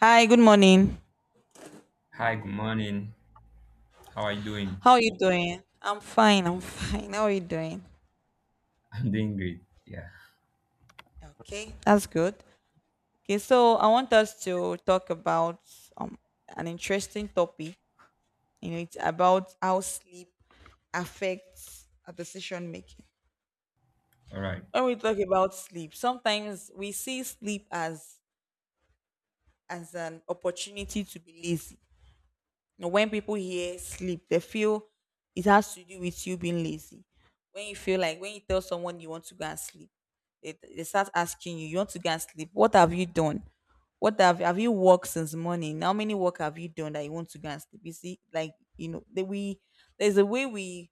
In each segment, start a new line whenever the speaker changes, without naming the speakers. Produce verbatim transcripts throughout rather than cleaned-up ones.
Hi, good morning.
Hi, good morning. How are you doing?
How are you doing? I'm fine, I'm fine. How are you doing?
I'm doing great. Yeah.
Okay, that's good. Okay, so I want us to talk about um an interesting topic. You know, it's about how sleep affects our decision making.
All right.
When we talk about sleep, sometimes we see sleep as as an opportunity to be lazy. Now, when people hear sleep, they feel it has to do with you being lazy. When you feel like when you tell someone you want to go and sleep, they, they start asking you, you want to go and sleep. What have you done? What have have you worked since morning? How many work have you done that you want to go and sleep? You see, like you know, that we there's a way we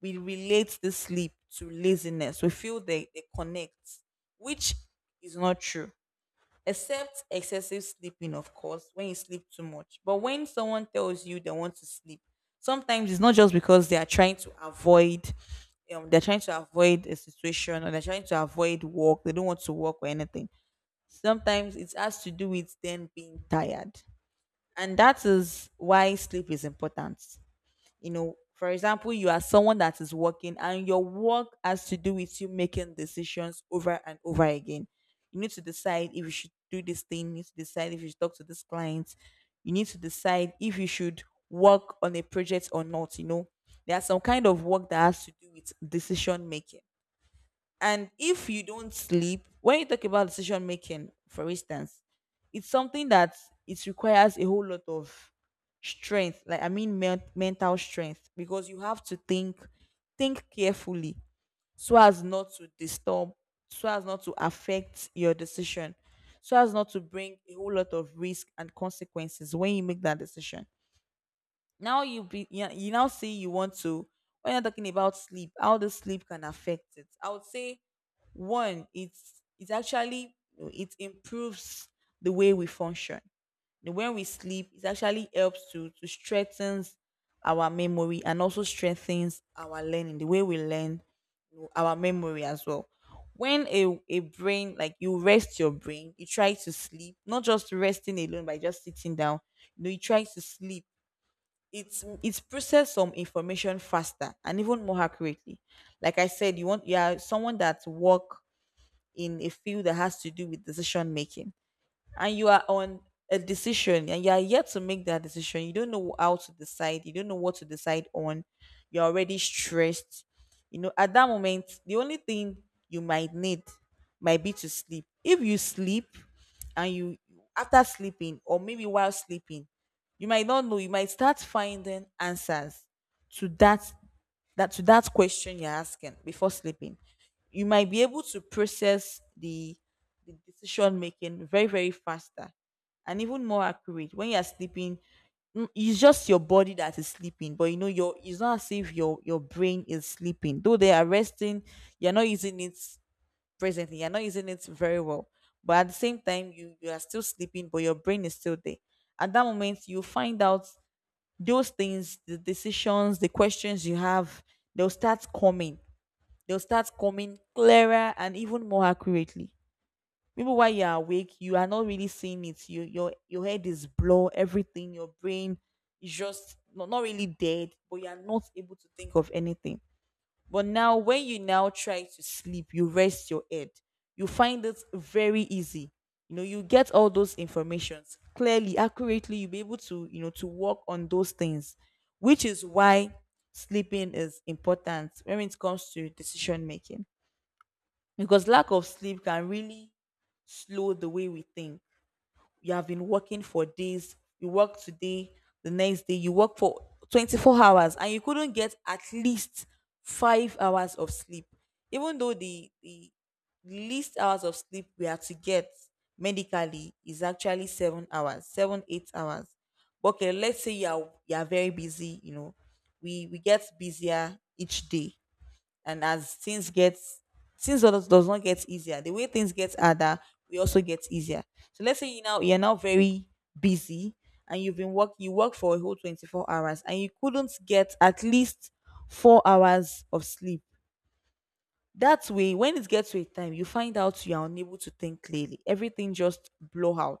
we relate the sleep to laziness. We feel they, they connect, which is not true except excessive sleeping, of course, when you sleep too much. But when someone tells you they want to sleep, sometimes it's not just because they are trying to avoid, um, they're trying to avoid a situation or they're trying to avoid work. They don't want to work or anything. Sometimes it has to do with them being tired, and that is why sleep is important. You know, for example, you are someone that is working and your work has to do with you making decisions over and over again. You need to decide if you should do this thing, you need to decide if you should talk to this client, you need to decide if you should work on a project or not. You know, there's some kind of work that has to do with decision making. And if you don't sleep, when you talk about decision making, for instance, it's something that it requires a whole lot of strength. Like I mean, men- mental strength because you have to think, think carefully so as not to disturb, so as not to affect your decision, so as not to bring a whole lot of risk and consequences when you make that decision. Now you be you you now say you want to when you're talking about sleep, how the sleep can affect it. I would say one, it's it's actually it improves the way we function. You know, when we sleep, it actually helps to to strengthens our memory and also strengthens our learning, the way we learn, you know, our memory as well. When a, a brain, like you rest your brain, you try to sleep, not just resting alone by just sitting down, you know, you try to sleep, it's it's process some information faster and even more accurately. Like I said, you want you are someone that work in a field that has to do with decision making, and you are on a decision and you are yet to make that decision, you don't know how to decide, you don't know what to decide on, you're already stressed. You know, at that moment the only thing you might need might be to sleep. If you sleep and you after sleeping or maybe while sleeping, you might not know, you might start finding answers to that that to that question you're asking before sleeping, you might be able to process the, the decision making very, very faster and even more accurate. When you're sleeping, mm, it's just your body that is sleeping, but you know, your it's not as if your your brain is sleeping. Though they are resting, you're not using it presently, you're not using it very well. But at the same time, you, you are still sleeping, but your brain is still there. At that moment, you find out those things, the decisions, the questions you have, they'll start coming. They'll start coming clearer and even more accurately. Maybe while you're awake, you are not really seeing it. You, your your head is blur, everything, your brain is just not, not really dead, but you are not able to think of anything. But now, when you now try to sleep, you rest your head. You find it very easy. You know, you get all those informations clearly, accurately. You'll be able to, you know, to work on those things, which is why sleeping is important when it comes to decision making. Because lack of sleep can really slow the way we think. You have been working for days, you work today, the next day you work for twenty-four hours and you couldn't get at least five hours of sleep. Even though the the least hours of sleep we are to get medically is actually seven hours, seven eight hours. Okay, let's say you are you are very busy, you know, we we get busier each day. And as things get, things does, does not get easier, the way things get harder, we also get easier. So let's say you now you're now very busy and you've been work you work for a whole twenty-four hours and you couldn't get at least four hours of sleep. That way, when it gets to a time, you find out you are unable to think clearly. Everything just blow out.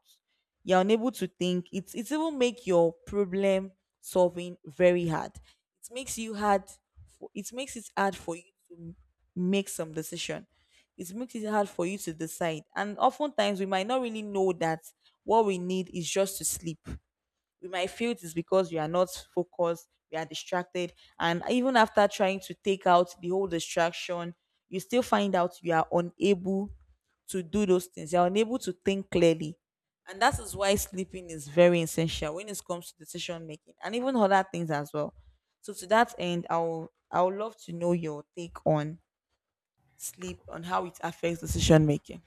You're unable to think. It's it even make your problem solving very hard. It makes you hard. For, it makes it hard for you to make some decision. It makes it hard for you to decide. And oftentimes, we might not really know that what we need is just to sleep. We might feel it's because we are not focused, we are distracted, and even after trying to take out the whole distraction, you still find out you are unable to do those things. You are unable to think clearly. And that is why sleeping is very essential when it comes to decision making and even other things as well. So to that end, I'll I would love to know your take on sleep, on how it affects decision making.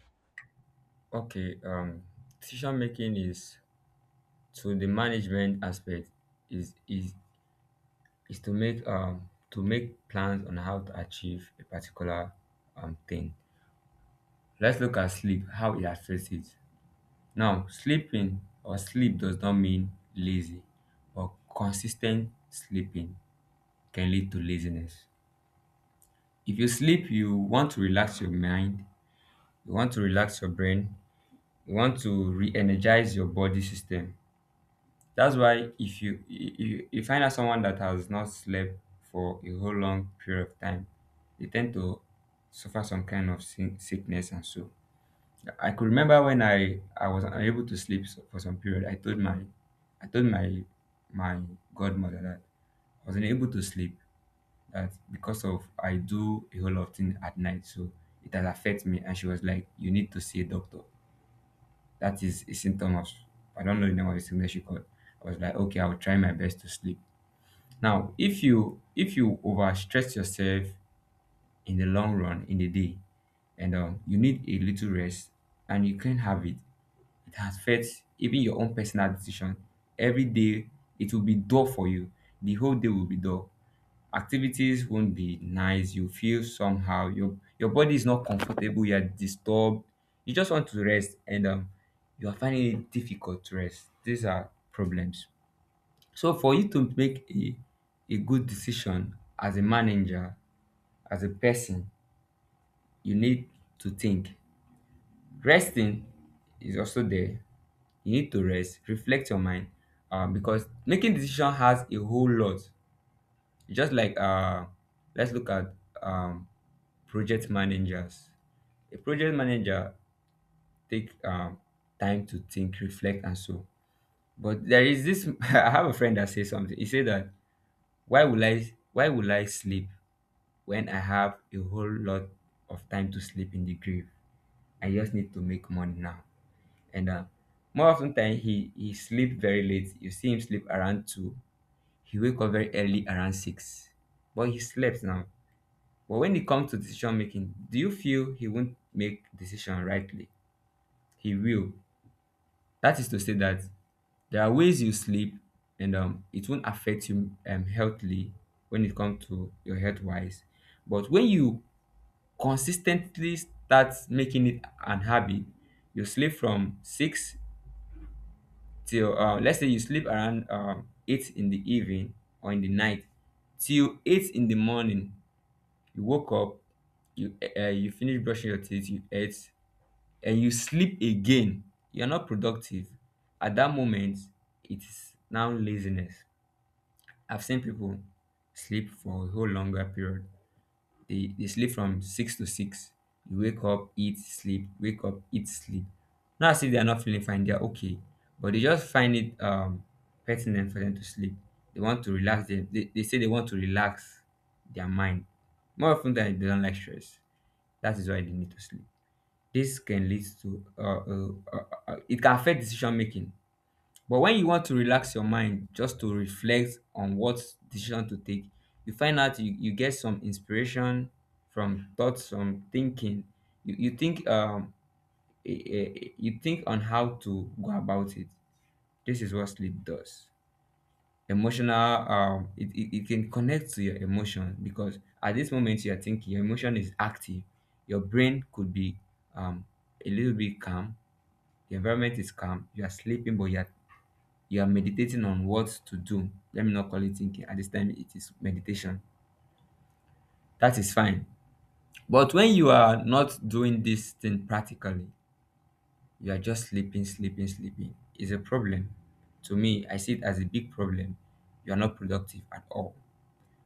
Okay. Um, decision making is to the management aspect is is is to make um to make plans on how to achieve a particular um thing. Let's look at sleep, how it affects it. Now, sleeping or sleep does not mean lazy, but consistent sleeping can lead to laziness. If you sleep, you want to relax your mind, you want to relax your brain, you want to re-energize your body system. That's why if you you, you find out someone that has not slept for a whole long period of time, they tend to suffer some kind of sick- sickness and so. I could remember when I I was unable to sleep s- for some period. I told my I told my my godmother that I wasn't able to sleep that because of I do a whole lot of things at night, so it has affected me. And she was like, "You need to see a doctor." That is a symptom of, I don't know the name of the sickness you call. I was like, okay, I'll try my best to sleep. Now, if you if you overstress yourself in the long run in the day, and um, you need a little rest, and you can't have it, it affects even your own personal decision. Every day, it will be dull for you. The whole day will be dull, activities won't be nice. You feel somehow, your your body is not comfortable, you are disturbed, you just want to rest, and um, you are finding it difficult to rest. These are problems. So for you to make a a good decision as a manager, as a person, you need to think. Resting is also there. You need to rest, reflect your mind, uh, because making decision has a whole lot. Just like uh let's look at um project managers. A project manager take um time to think, reflect, and so. But there is this, I have a friend that says something. He said that, why will i why will i sleep when I have a whole lot of time to sleep in the grave? I just need to make money now. And uh, more often than, he he sleep very late. You see him sleep around two, he wake up very early around six, but he slept now. But when it comes to decision making, do you feel he won't make decision rightly? He will. That is to say that there are ways you sleep and um, it won't affect you um, healthily when it comes to your health wise. But when you consistently start making it an habit, you sleep from six till uh, let's say you sleep around um, eight in the evening or in the night till eight in the morning, you woke up, you uh, you finish brushing your teeth, you ate, and you sleep again, you're not productive at that moment. It's now laziness. I've seen people sleep for a whole longer period. They, they sleep from six to six. You wake up, eat, sleep, wake up, eat, sleep. Not as if they're not feeling fine, they're okay, but they just find it um pertinent for them to sleep. They want to relax them, they, they say they want to relax their mind. More often than, they don't like stress, that is why they need to sleep. This can lead to uh, uh, uh, uh, uh, it can affect decision making. But when you want to relax your mind just to reflect on what decision to take, you find out you, you get some inspiration from thoughts, from thinking. You, you think um eh, eh, eh, you think on how to go about it. This is what sleep does. Emotional, um it, it, it can connect to your emotion, because at this moment you are thinking, your emotion is active, your brain could be um a little bit calm, the environment is calm. You are sleeping, but you are you are meditating on what to do. Let me not call it thinking, at this time it is meditation. That is fine. But when you are not doing this thing practically, you are just sleeping, sleeping. Sleeping is a problem. To me, I see it as a big problem. You are not productive at all.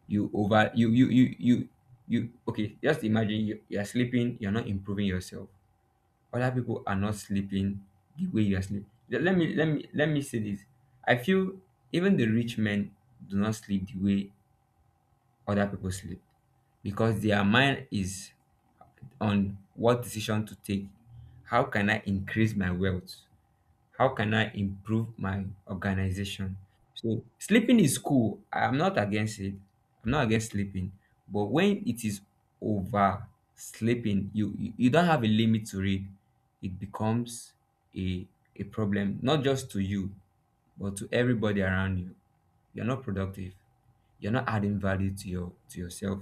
You over you you you you you okay, just imagine you, you are sleeping, you're not improving yourself. Other people are not sleeping the way you are sleeping. Let me let me let me say this. I feel even the rich men do not sleep the way other people sleep, because their mind is on what decision to take. How can I increase my wealth? How can I improve my organization? So sleeping is cool. I'm not against it. I'm not against sleeping. But when it is over sleeping, you you you don't have a limit to it. It becomes a a problem, not just to you, but to everybody around you. You're not productive. You're not adding value to your to yourself.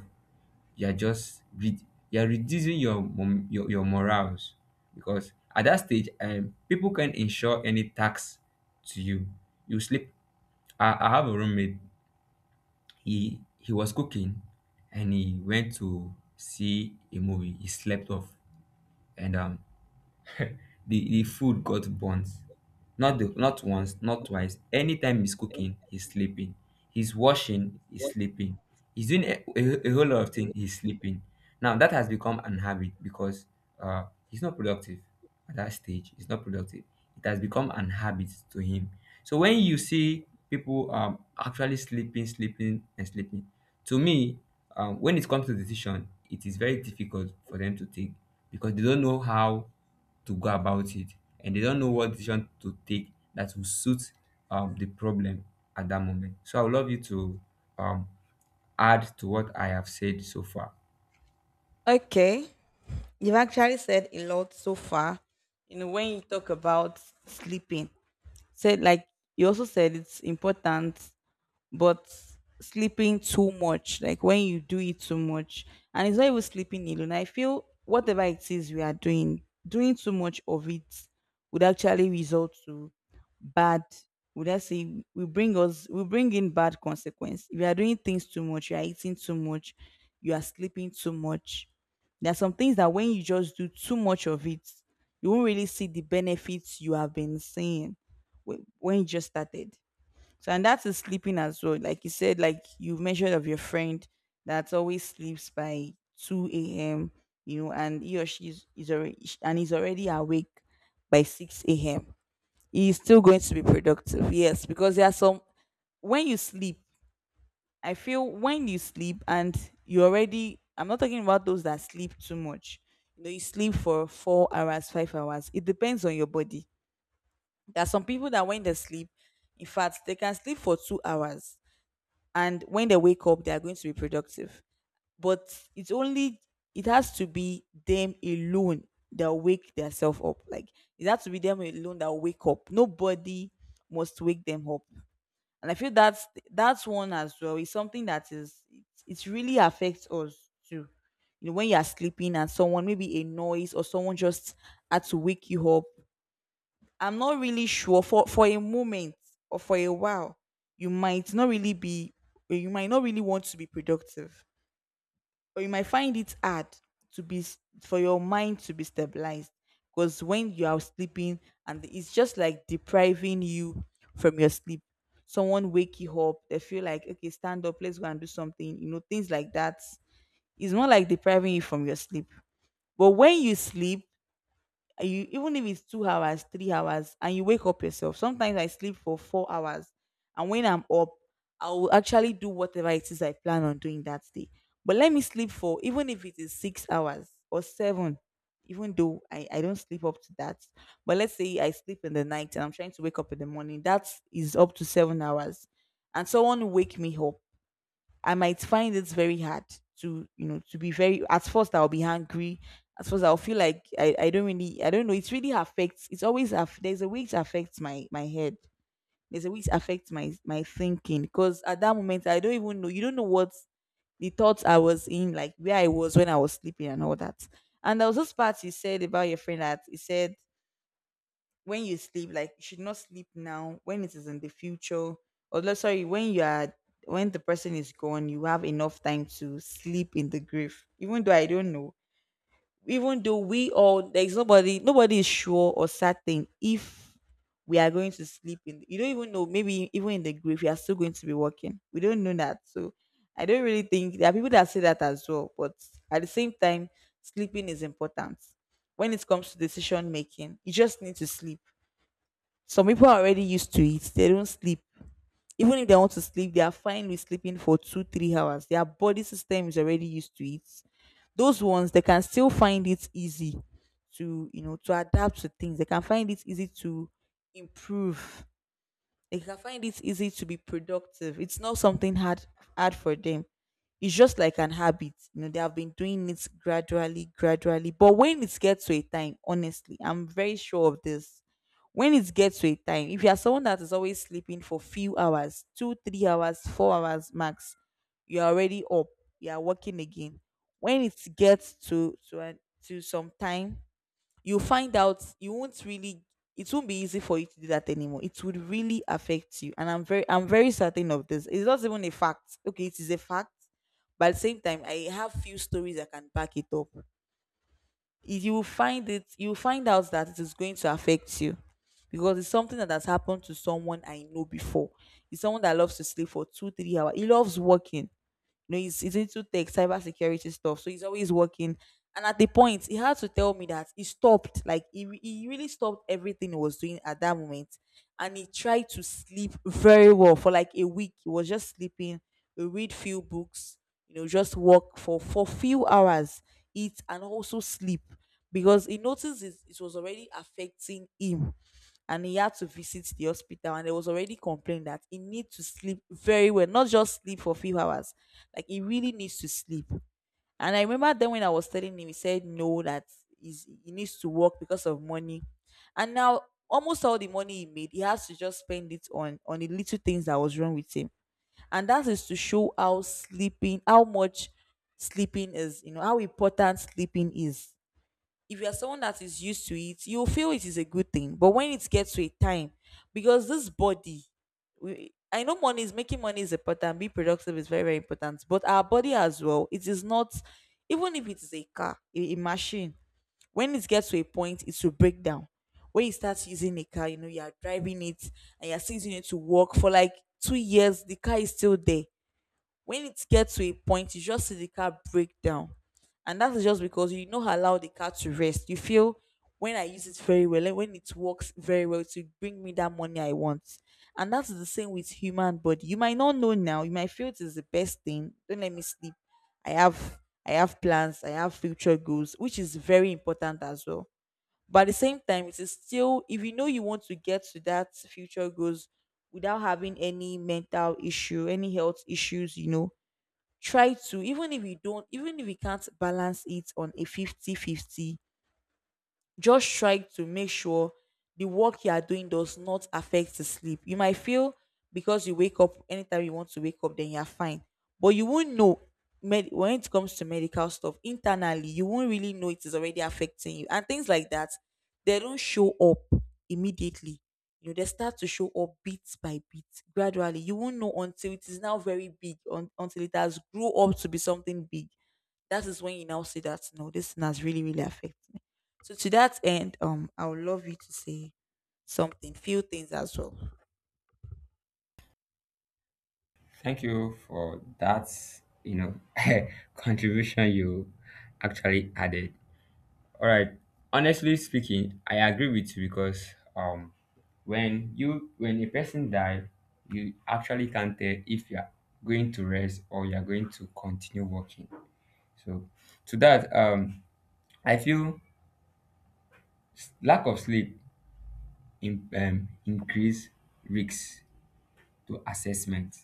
You're just re- you're reducing your, mom- your your morals, because at that stage um people can insure any tax to you. You sleep. i, I have a roommate. he he was cooking and he went to see a movie, he slept off, and um the the food got burnt. not the not once, not twice, anytime he's cooking, he's sleeping. He's washing, he's sleeping. He's doing a, a, a whole lot of things, he's sleeping. Now that has become an habit, because uh he's not productive. At that stage, he's not productive. It has become an habit to him. So when you see people um actually sleeping, sleeping, and sleeping, to me, um, when it comes to decision, it is very difficult for them to take, because they don't know how to go about it, and they don't know what decision to take that will suit um, the problem at that moment. So I would love you to um, add to what I have said so far.
Okay. You've actually said a lot so far. You know, when you talk about sleeping, said like you also said it's important, but sleeping too much, like when you do it too much. And it's not even sleeping alone, I feel whatever it is we are doing, doing too much of it would actually result to bad. Would I say we bring us we bring in bad consequence? If you are doing things too much, you are eating too much, you are sleeping too much. There are some things that when you just do too much of it, you won't really see the benefits you have been seeing wh- when you just started. So, and that is sleeping as well. Like you said, like you mentioned of your friend that always sleeps by two a m. You know, and he or she is, is already and is already awake by six a m. He is still going to be productive. Yes, because there are some when you sleep. I feel when you sleep and you already. I'm not talking about those that sleep too much. You know, you sleep for four hours, five hours. It depends on your body. There are some people that when they sleep, in fact, they can sleep for two hours and when they wake up they are going to be productive. But it's only it has to be them alone that wake themselves up. Like, it has to be them alone that wake up, nobody must wake them up. And I feel that's that's one as well, it's something that is it, it really affects us too. You know, when you are sleeping and someone, maybe a noise or someone just had to wake you up, I'm not really sure for for a moment or for a while you might not really be, or you might not really want to be productive, or you might find it hard to be s- for your mind to be stabilized. Because when you are sleeping and it's just like depriving you from your sleep, someone wake you up, they feel like, okay, stand up, let's go and do something, you know, things like that. It's not like depriving you from your sleep, but when you sleep and you, even if it's two hours, three hours, and you wake up yourself, sometimes I sleep for four hours and when I'm up I will actually do whatever it is I plan on doing that day. But let me sleep for even if it is six hours or seven, even though i, I don't sleep up to that, but let's say I sleep in the night and I'm trying to wake up in the morning, that is up to seven hours, and someone wake me up, I might find it very hard to, you know, to be very, at first I'll be hungry. At first I'll feel like I, I don't really I don't know. It really affects it's always aff- there's a way it affects my my head. There's a way it affects my my thinking. Because at that moment I don't even know you don't know what the thoughts I was in, like where I was when I was sleeping and all that. And there was this part you said about your friend that he said when you sleep, like you should not sleep now when it is in the future. Or let sorry, when you are when the person is gone, you have enough time to sleep in the grave. Even though I don't know. Even though we all there's nobody nobody is sure or certain if we are going to sleep in you don't even know, maybe even in the grave, we are still going to be working. We don't know that. So I don't really think there are people that say that as well, but at the same time, sleeping is important. When it comes to decision making, you just need to sleep. Some people are already used to it. They don't sleep. Even if they want to sleep, they are fine with sleeping for two, three hours. Their body system is already used to it. Those ones they can still find it easy to, you know, to adapt to things. They can find it easy to improve, they can find it easy to be productive. It's not something hard hard for them. It's just like an habit. You know, they have been doing it gradually, gradually. But when it gets to a time, honestly, I'm very sure of this. When it gets to a time, if you are someone that is always sleeping for few hours, two, three hours, four hours max, you're already up. You are working again. When it gets to to an- to some time, you find out you won't really it won't be easy for you to do that anymore. It would really affect you, and i'm very I'm very certain of this. It's not even a fact. Okay, it is a fact, but at the same time I have few stories that can back it up. If you find it You find out that it is going to affect you because it's something that has happened to someone I know before. It's someone that loves to sleep for two three hours. He loves working. You know, he's, he's into tech, cybersecurity stuff. So he's always working. And at the point, he had to tell me that he stopped. Like, he, re- he really stopped everything he was doing at that moment. And he tried to sleep very well for like a week. He was just sleeping, read few books, you know, just work for, for few hours, eat, and also sleep because he noticed it, it was already affecting him, and he had to visit the hospital, and there was already complained that he needs to sleep very well, not just sleep for a few hours. Like he really needs to sleep. And I remember then when I was telling him he said no that he's, he needs to work because of money. And now almost all the money he made he has to just spend it on on the little things that was wrong with him. And that is to show how sleeping how much sleeping is, you know, how important sleeping is. If you're someone that is used to it, you'll feel it is a good thing. But when it gets to a time, because this body, we, I know money is making money is important, be productive is very, very important. But our body as well, it is not, even if it is a car, a, a machine, when it gets to a point, it will break down. When you start using a car, you know, you're driving it and you're still using it to work for like two years, the car is still there. When it gets to a point, you just see the car break down. And that is just because you not allow the car to rest. You feel when I use it very well, and when it works very well, to bring me that money I want. And that's the same with human body. You might not know now. You might feel it is the best thing. Don't let me sleep. I have I have plans. I have future goals, which is very important as well. But at the same time, it is still if you know you want to get to that future goals without having any mental issue, any health issues, you know, try to even if you don't, even if you can't balance it on a fifty-fifty, just try to make sure the work you are doing does not affect the sleep. You might feel because you wake up anytime you want to wake up, then you're fine. But you won't know, med- when it comes to medical stuff internally, you won't really know it is already affecting you. And things like that, they don't show up immediately. You know, they start to show up bit by bit, gradually. You won't know until it is now very big, un- until it has grew up to be something big, that is when you now say that no, this thing has really, really affected me. So to that end, um, I would love you to say something, few things as well.
Thank you for that, you know, contribution you actually added. All right. Honestly speaking, I agree with you because um, when you, when a person dies, you actually can't tell if you are going to rest or you are going to continue working. So to that, um, I feel s- lack of sleep in, um, increase risks to assessment.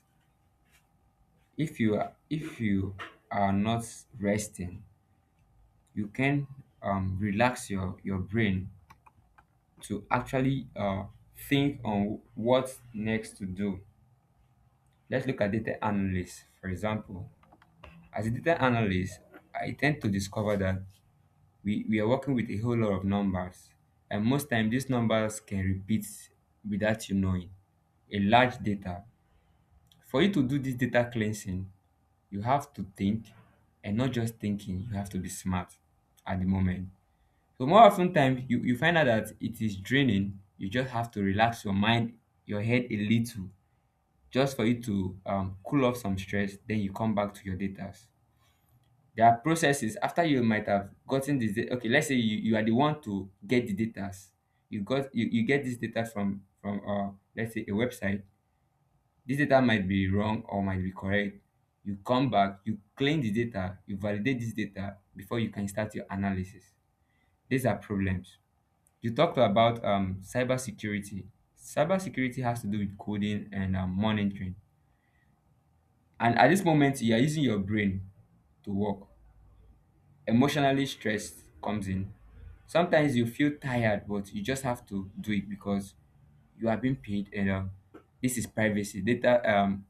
If you are- if you are not resting, you can um, relax your your brain to actually uh, think on what next to do. Let's look at data analysts, for example. As a data analyst, I tend to discover that we, we are working with a whole lot of numbers, and most time these numbers can repeat without you knowing. A large data, for you to do this data cleansing, you have to think, and not just thinking, you have to be smart at the moment. So more often time, you, you find out that it is draining. You just have to relax your mind, your head a little, just for you to um, cool off some stress, then you come back to your data. There are processes after you might have gotten this da- okay, let's say you, you are the one to get the data. You got you, you get this data from from uh let's say a website. This data might be wrong or might be correct. You come back, you clean the data, you validate this data before you can start your analysis. These are problems. You talked about um cybersecurity. Cybersecurity has to do with coding and um, monitoring. And at this moment, you are using your brain to work. Emotionally stressed comes in. Sometimes you feel tired, but you just have to do it because you are being paid, and um, this is privacy. Data, um,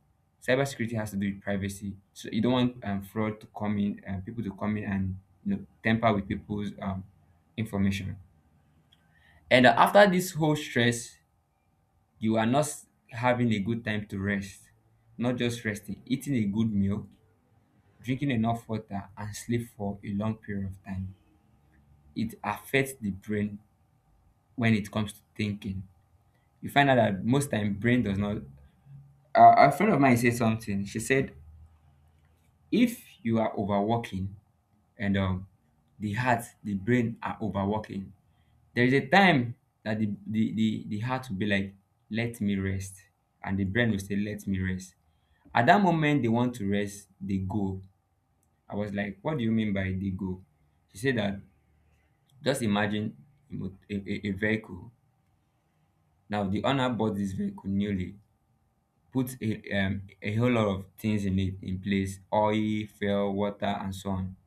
cybersecurity has to do with privacy. So you don't want um, fraud to come in, and people to come in and, you know, tamper with people's um, information. And uh, after this whole stress, you are not s- having a good time to rest. Not just resting, eating a good meal, drinking enough water, and sleep for a long period of time. It affects the brain when it comes to thinking. You find out that most time brain does not. Uh, a friend of mine said something. She said, if you are overworking and um, the heart, the brain are overworking, there is a time that the, the, the, the heart will be like, let me rest. And the brain will say, let me rest. At that moment, they want to rest, they go. I was like, what do you mean by they go? She said that, just imagine a, mo- a, a a vehicle. Now, the owner bought this vehicle newly, put a um, a whole lot of things in it in place, oil, fuel, water and so on.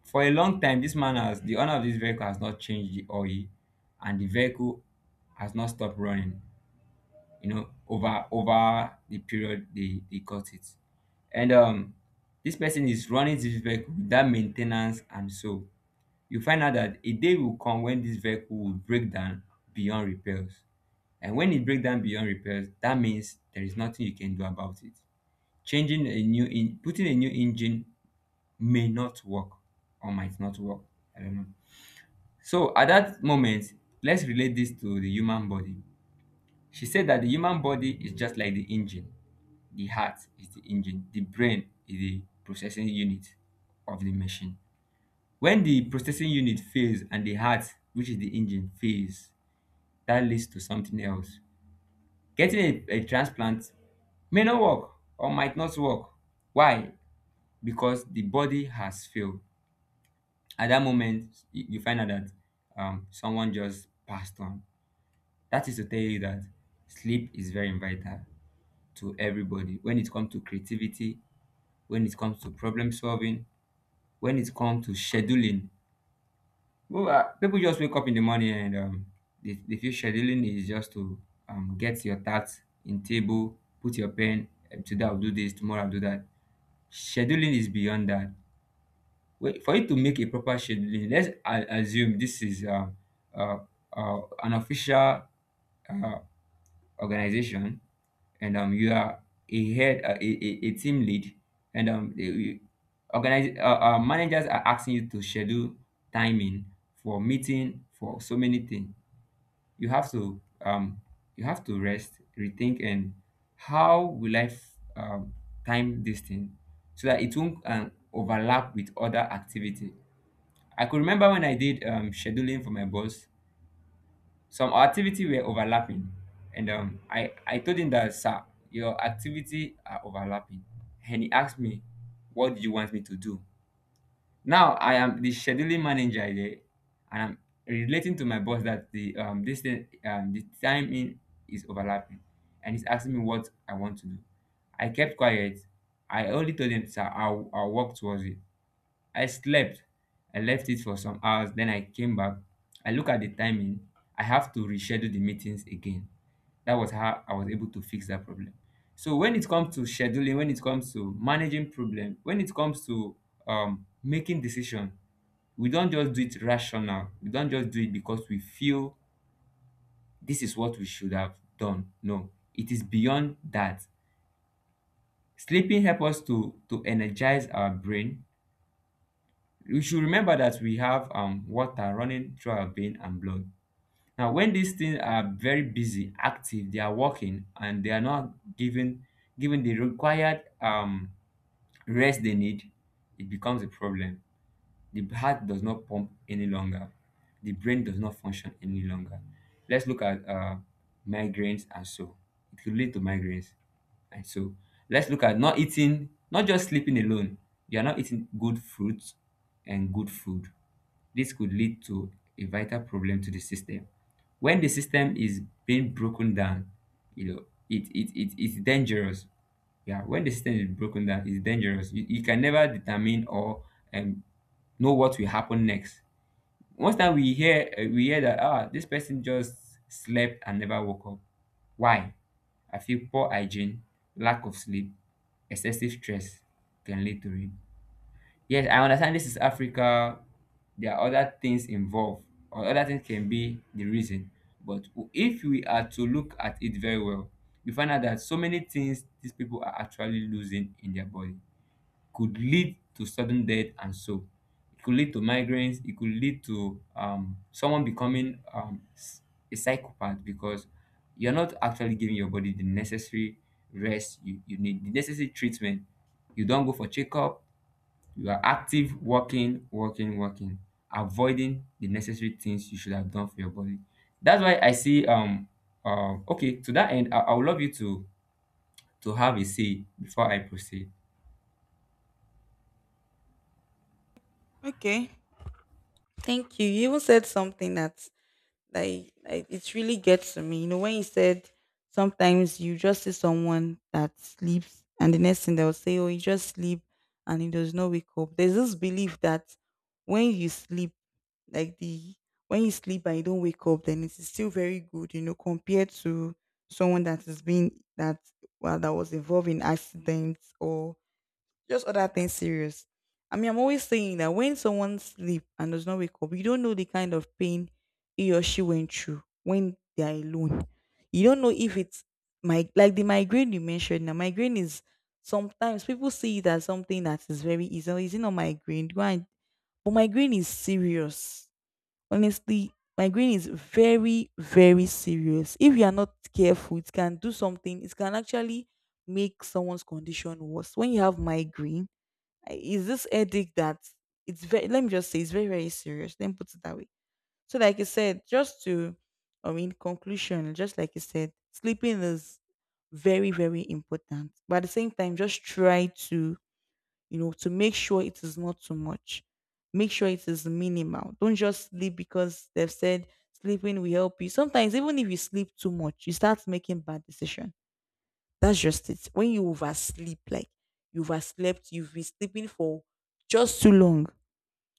For a long time, this man has the owner of this vehicle has not changed the oil, and the vehicle has not stopped running, you know, over over the period they they got it. And um This person is running this vehicle without maintenance, and so you find out that a day will come when this vehicle will break down beyond repairs. And when it break down beyond repairs, that means there is nothing you can do about it. Changing a new in Putting a new engine may not work or might not work, I don't know. So at that moment, let's relate this to the human body. She said that the human body is just like the engine. The heart is the engine, the brain is the processing unit of the machine. When the processing unit fails and the heart, which is the engine, fails, that leads to something else. Getting a, a transplant may not work or might not work. Why? Because the body has failed. At that moment, you, you find out that um, someone just passed on. That is to tell you that sleep is very vital to everybody when it comes to creativity, when it comes to problem solving, when it comes to scheduling. Well, uh, people just wake up in the morning and um, they, they feel scheduling is just to um, get your tasks in table, put your pen, eh, today I'll do this, tomorrow I'll do that. Scheduling is beyond that. Well, for you to make a proper scheduling, let's a- assume this is um, uh, uh, an official uh, organization, and um, you are a head, uh, a, a, a team lead, and um, the- you- organize, uh, uh, managers are asking you to schedule timing for meeting for so many things. You have to um, you have to rest, rethink, and how will I f- um, time this thing so that it won't um, overlap with other activity. I could remember when I did um, scheduling for my boss, some activity were overlapping, and um, I I told him that, sir, your activity are overlapping, and he asked me, what do you want me to do? Now I am the scheduling manager there, and I'm relating to my boss that the um this thing, um the timing is overlapping, and he's asking me what I want to do. I kept quiet. I only told him, sir, I'll, I'll work towards it. I slept. I left it for some hours, then I came back. I look at the timing. I have to reschedule the meetings again. That was how I was able to fix that problem. So when it comes to scheduling, when it comes to managing problem, when it comes to um, making decision, we don't just do it rational. We don't just do it because we feel this is what we should have done. No, it is beyond that. Sleeping helps us to to energize our brain. We should remember that we have um water running through our vein and blood. Now, when these things are very busy, active, they are working, and they are not given given the required um rest they need, it becomes a problem. The heart does not pump any longer, the brain does not function any longer. Let's look at uh migraines and so. It could lead to migraines and so. Let's look at not eating, not just sleeping alone. You are not eating good fruits and good food. This could lead to a vital problem to the system. When the system is being broken down, you know, it, it, it it's dangerous. Yeah, when the system is broken down, it's dangerous. You, you can never determine or um, know what will happen next. Most time we hear uh, we hear that, ah, this person just slept and never woke up. Why? I feel poor hygiene, lack of sleep, excessive stress can lead to it. Yes, I understand this is Africa. There are other things involved, or other things can be the reason. But if we are to look at it very well, we find out that so many things these people are actually losing in their body could lead to sudden death and so. It could lead to migraines. It could lead to um, someone becoming um, s- a psychopath because you're not actually giving your body the necessary rest you, you need, the necessary treatment. You don't go for checkup. You are active, working working working avoiding the necessary things you should have done for your body. That's why I see um um okay, to that end, i, I would love you to to have a say before I proceed.
Okay. Thank you. You even said something that, Like, like it really gets to me. You know, when you said sometimes you just see someone that sleeps and the next thing they'll say, "Oh, you just sleep and he does not wake up." There's this belief that when you sleep, like the when you sleep and you don't wake up, then it is still very good, you know, compared to someone that has been that well, that was involved in accidents or just other things serious. I mean, I'm always saying that when someone sleep and does not wake up, you don't know the kind of pain he or she went through when they are alone. You don't know if it's my like the migraine you mentioned. Now, migraine is sometimes people see it as something that is very easy. "Oh, is it not migraine? Go and" but migraine is serious. Honestly, migraine is very, very serious. If you are not careful, it can do something. It can actually make someone's condition worse. When you have migraine, I- it's this headache that it's very, let me just say, it's very, very serious. Let me put it that way. So, like I said, just to, I mean, conclusion, just like you said, sleeping is very, very important. But at the same time, just try to, you know, to make sure it is not too much. Make sure it is minimal. Don't just sleep because they've said sleeping will help you. Sometimes, even if you sleep too much, you start making bad decisions. That's just it. When you oversleep, like you overslept, you've been sleeping for just too long.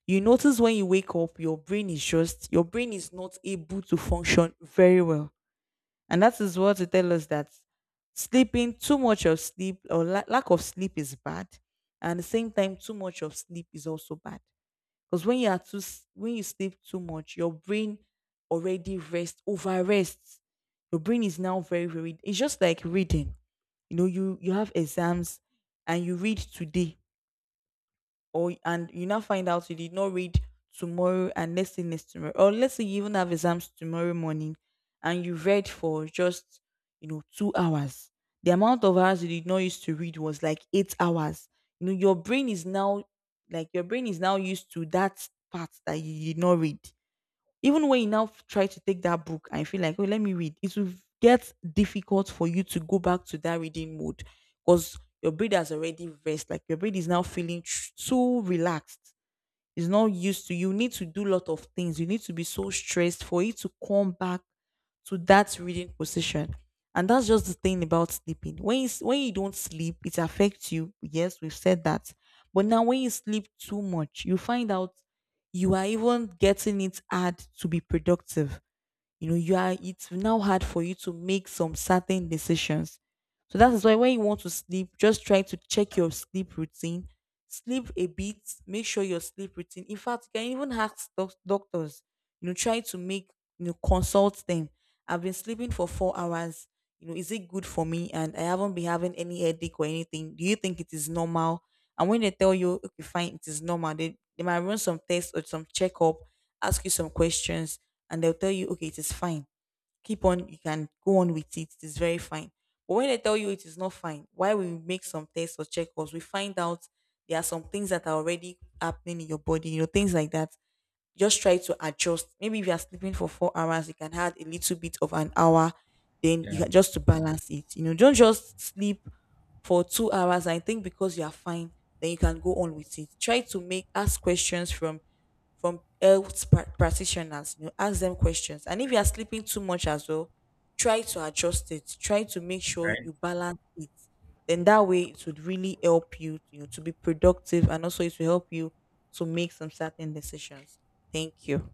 You notice when you wake up, your brain is just your brain is not able to function very well, and that is what they tell us that sleeping too much of sleep or la- lack of sleep is bad, and at the same time, too much of sleep is also bad. Because when you are too s- when you sleep too much, your brain already rests, over rests. Your brain is now very, very, it's just like reading. You know, you you have exams and you read today or and you now find out you did not read tomorrow, and let's say next tomorrow, or let's say you even have exams tomorrow morning and you read for just, you know, two hours. The amount of hours you did not used to read was like eight hours. You know, your brain is now, like your brain is now used to that part that you did not read. Even when you now f- try to take that book and you feel like, oh, let me read, it will get difficult for you to go back to that reading mode because your brain has already rest. Like your brain is now feeling tr- so relaxed, is not used to, you need to do a lot of things, you need to be so stressed for it to come back to that reading position. And that's just the thing about sleeping. When you, s- when you don't sleep it affects you, yes, we've said that. But now when you sleep too much you find out you are even getting it hard to be productive. You know, you are it's now hard for you to make some certain decisions. So that is why when you want to sleep, just try to check your sleep routine, sleep a bit, make sure your sleep routine, in fact, you can even ask doc- doctors, you know, try to make you know, consult them. I've been sleeping for four hours, you know, is it good for me? And I haven't been having any headache or anything. Do you think it is normal? And when they tell you okay, fine, it is normal, they, they might run some tests or some checkup, ask you some questions, and they'll tell you okay, it is fine, keep on, you can go on with it, it is very fine. But when they tell you it is not fine, why we make some tests or checkups, we find out there are some things that are already happening in your body, you know, things like that. Just try to adjust. Maybe if you are sleeping for four hours, you can add a little bit of an hour, then you
Yeah.
can, just to balance it, you know, don't just sleep for two hours, I think because you are fine, then you can go on with it. Try to make ask questions from from health pra- practitioners. You know, ask them questions. And if you are sleeping too much as well, try to adjust it. Try to make sure
Right.
you balance it. Then that way it would really help you, you know, to be productive and also it will help you to make some certain decisions. Thank you.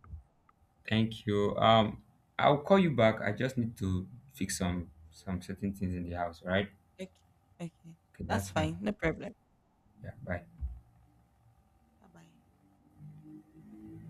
Thank you. um I'll call you back, I just need to fix some some certain things in the house, right?
Okay. Okay.
Okay,
That's
that's fine.
fine. No problem.
Yeah, bye.
Bye bye.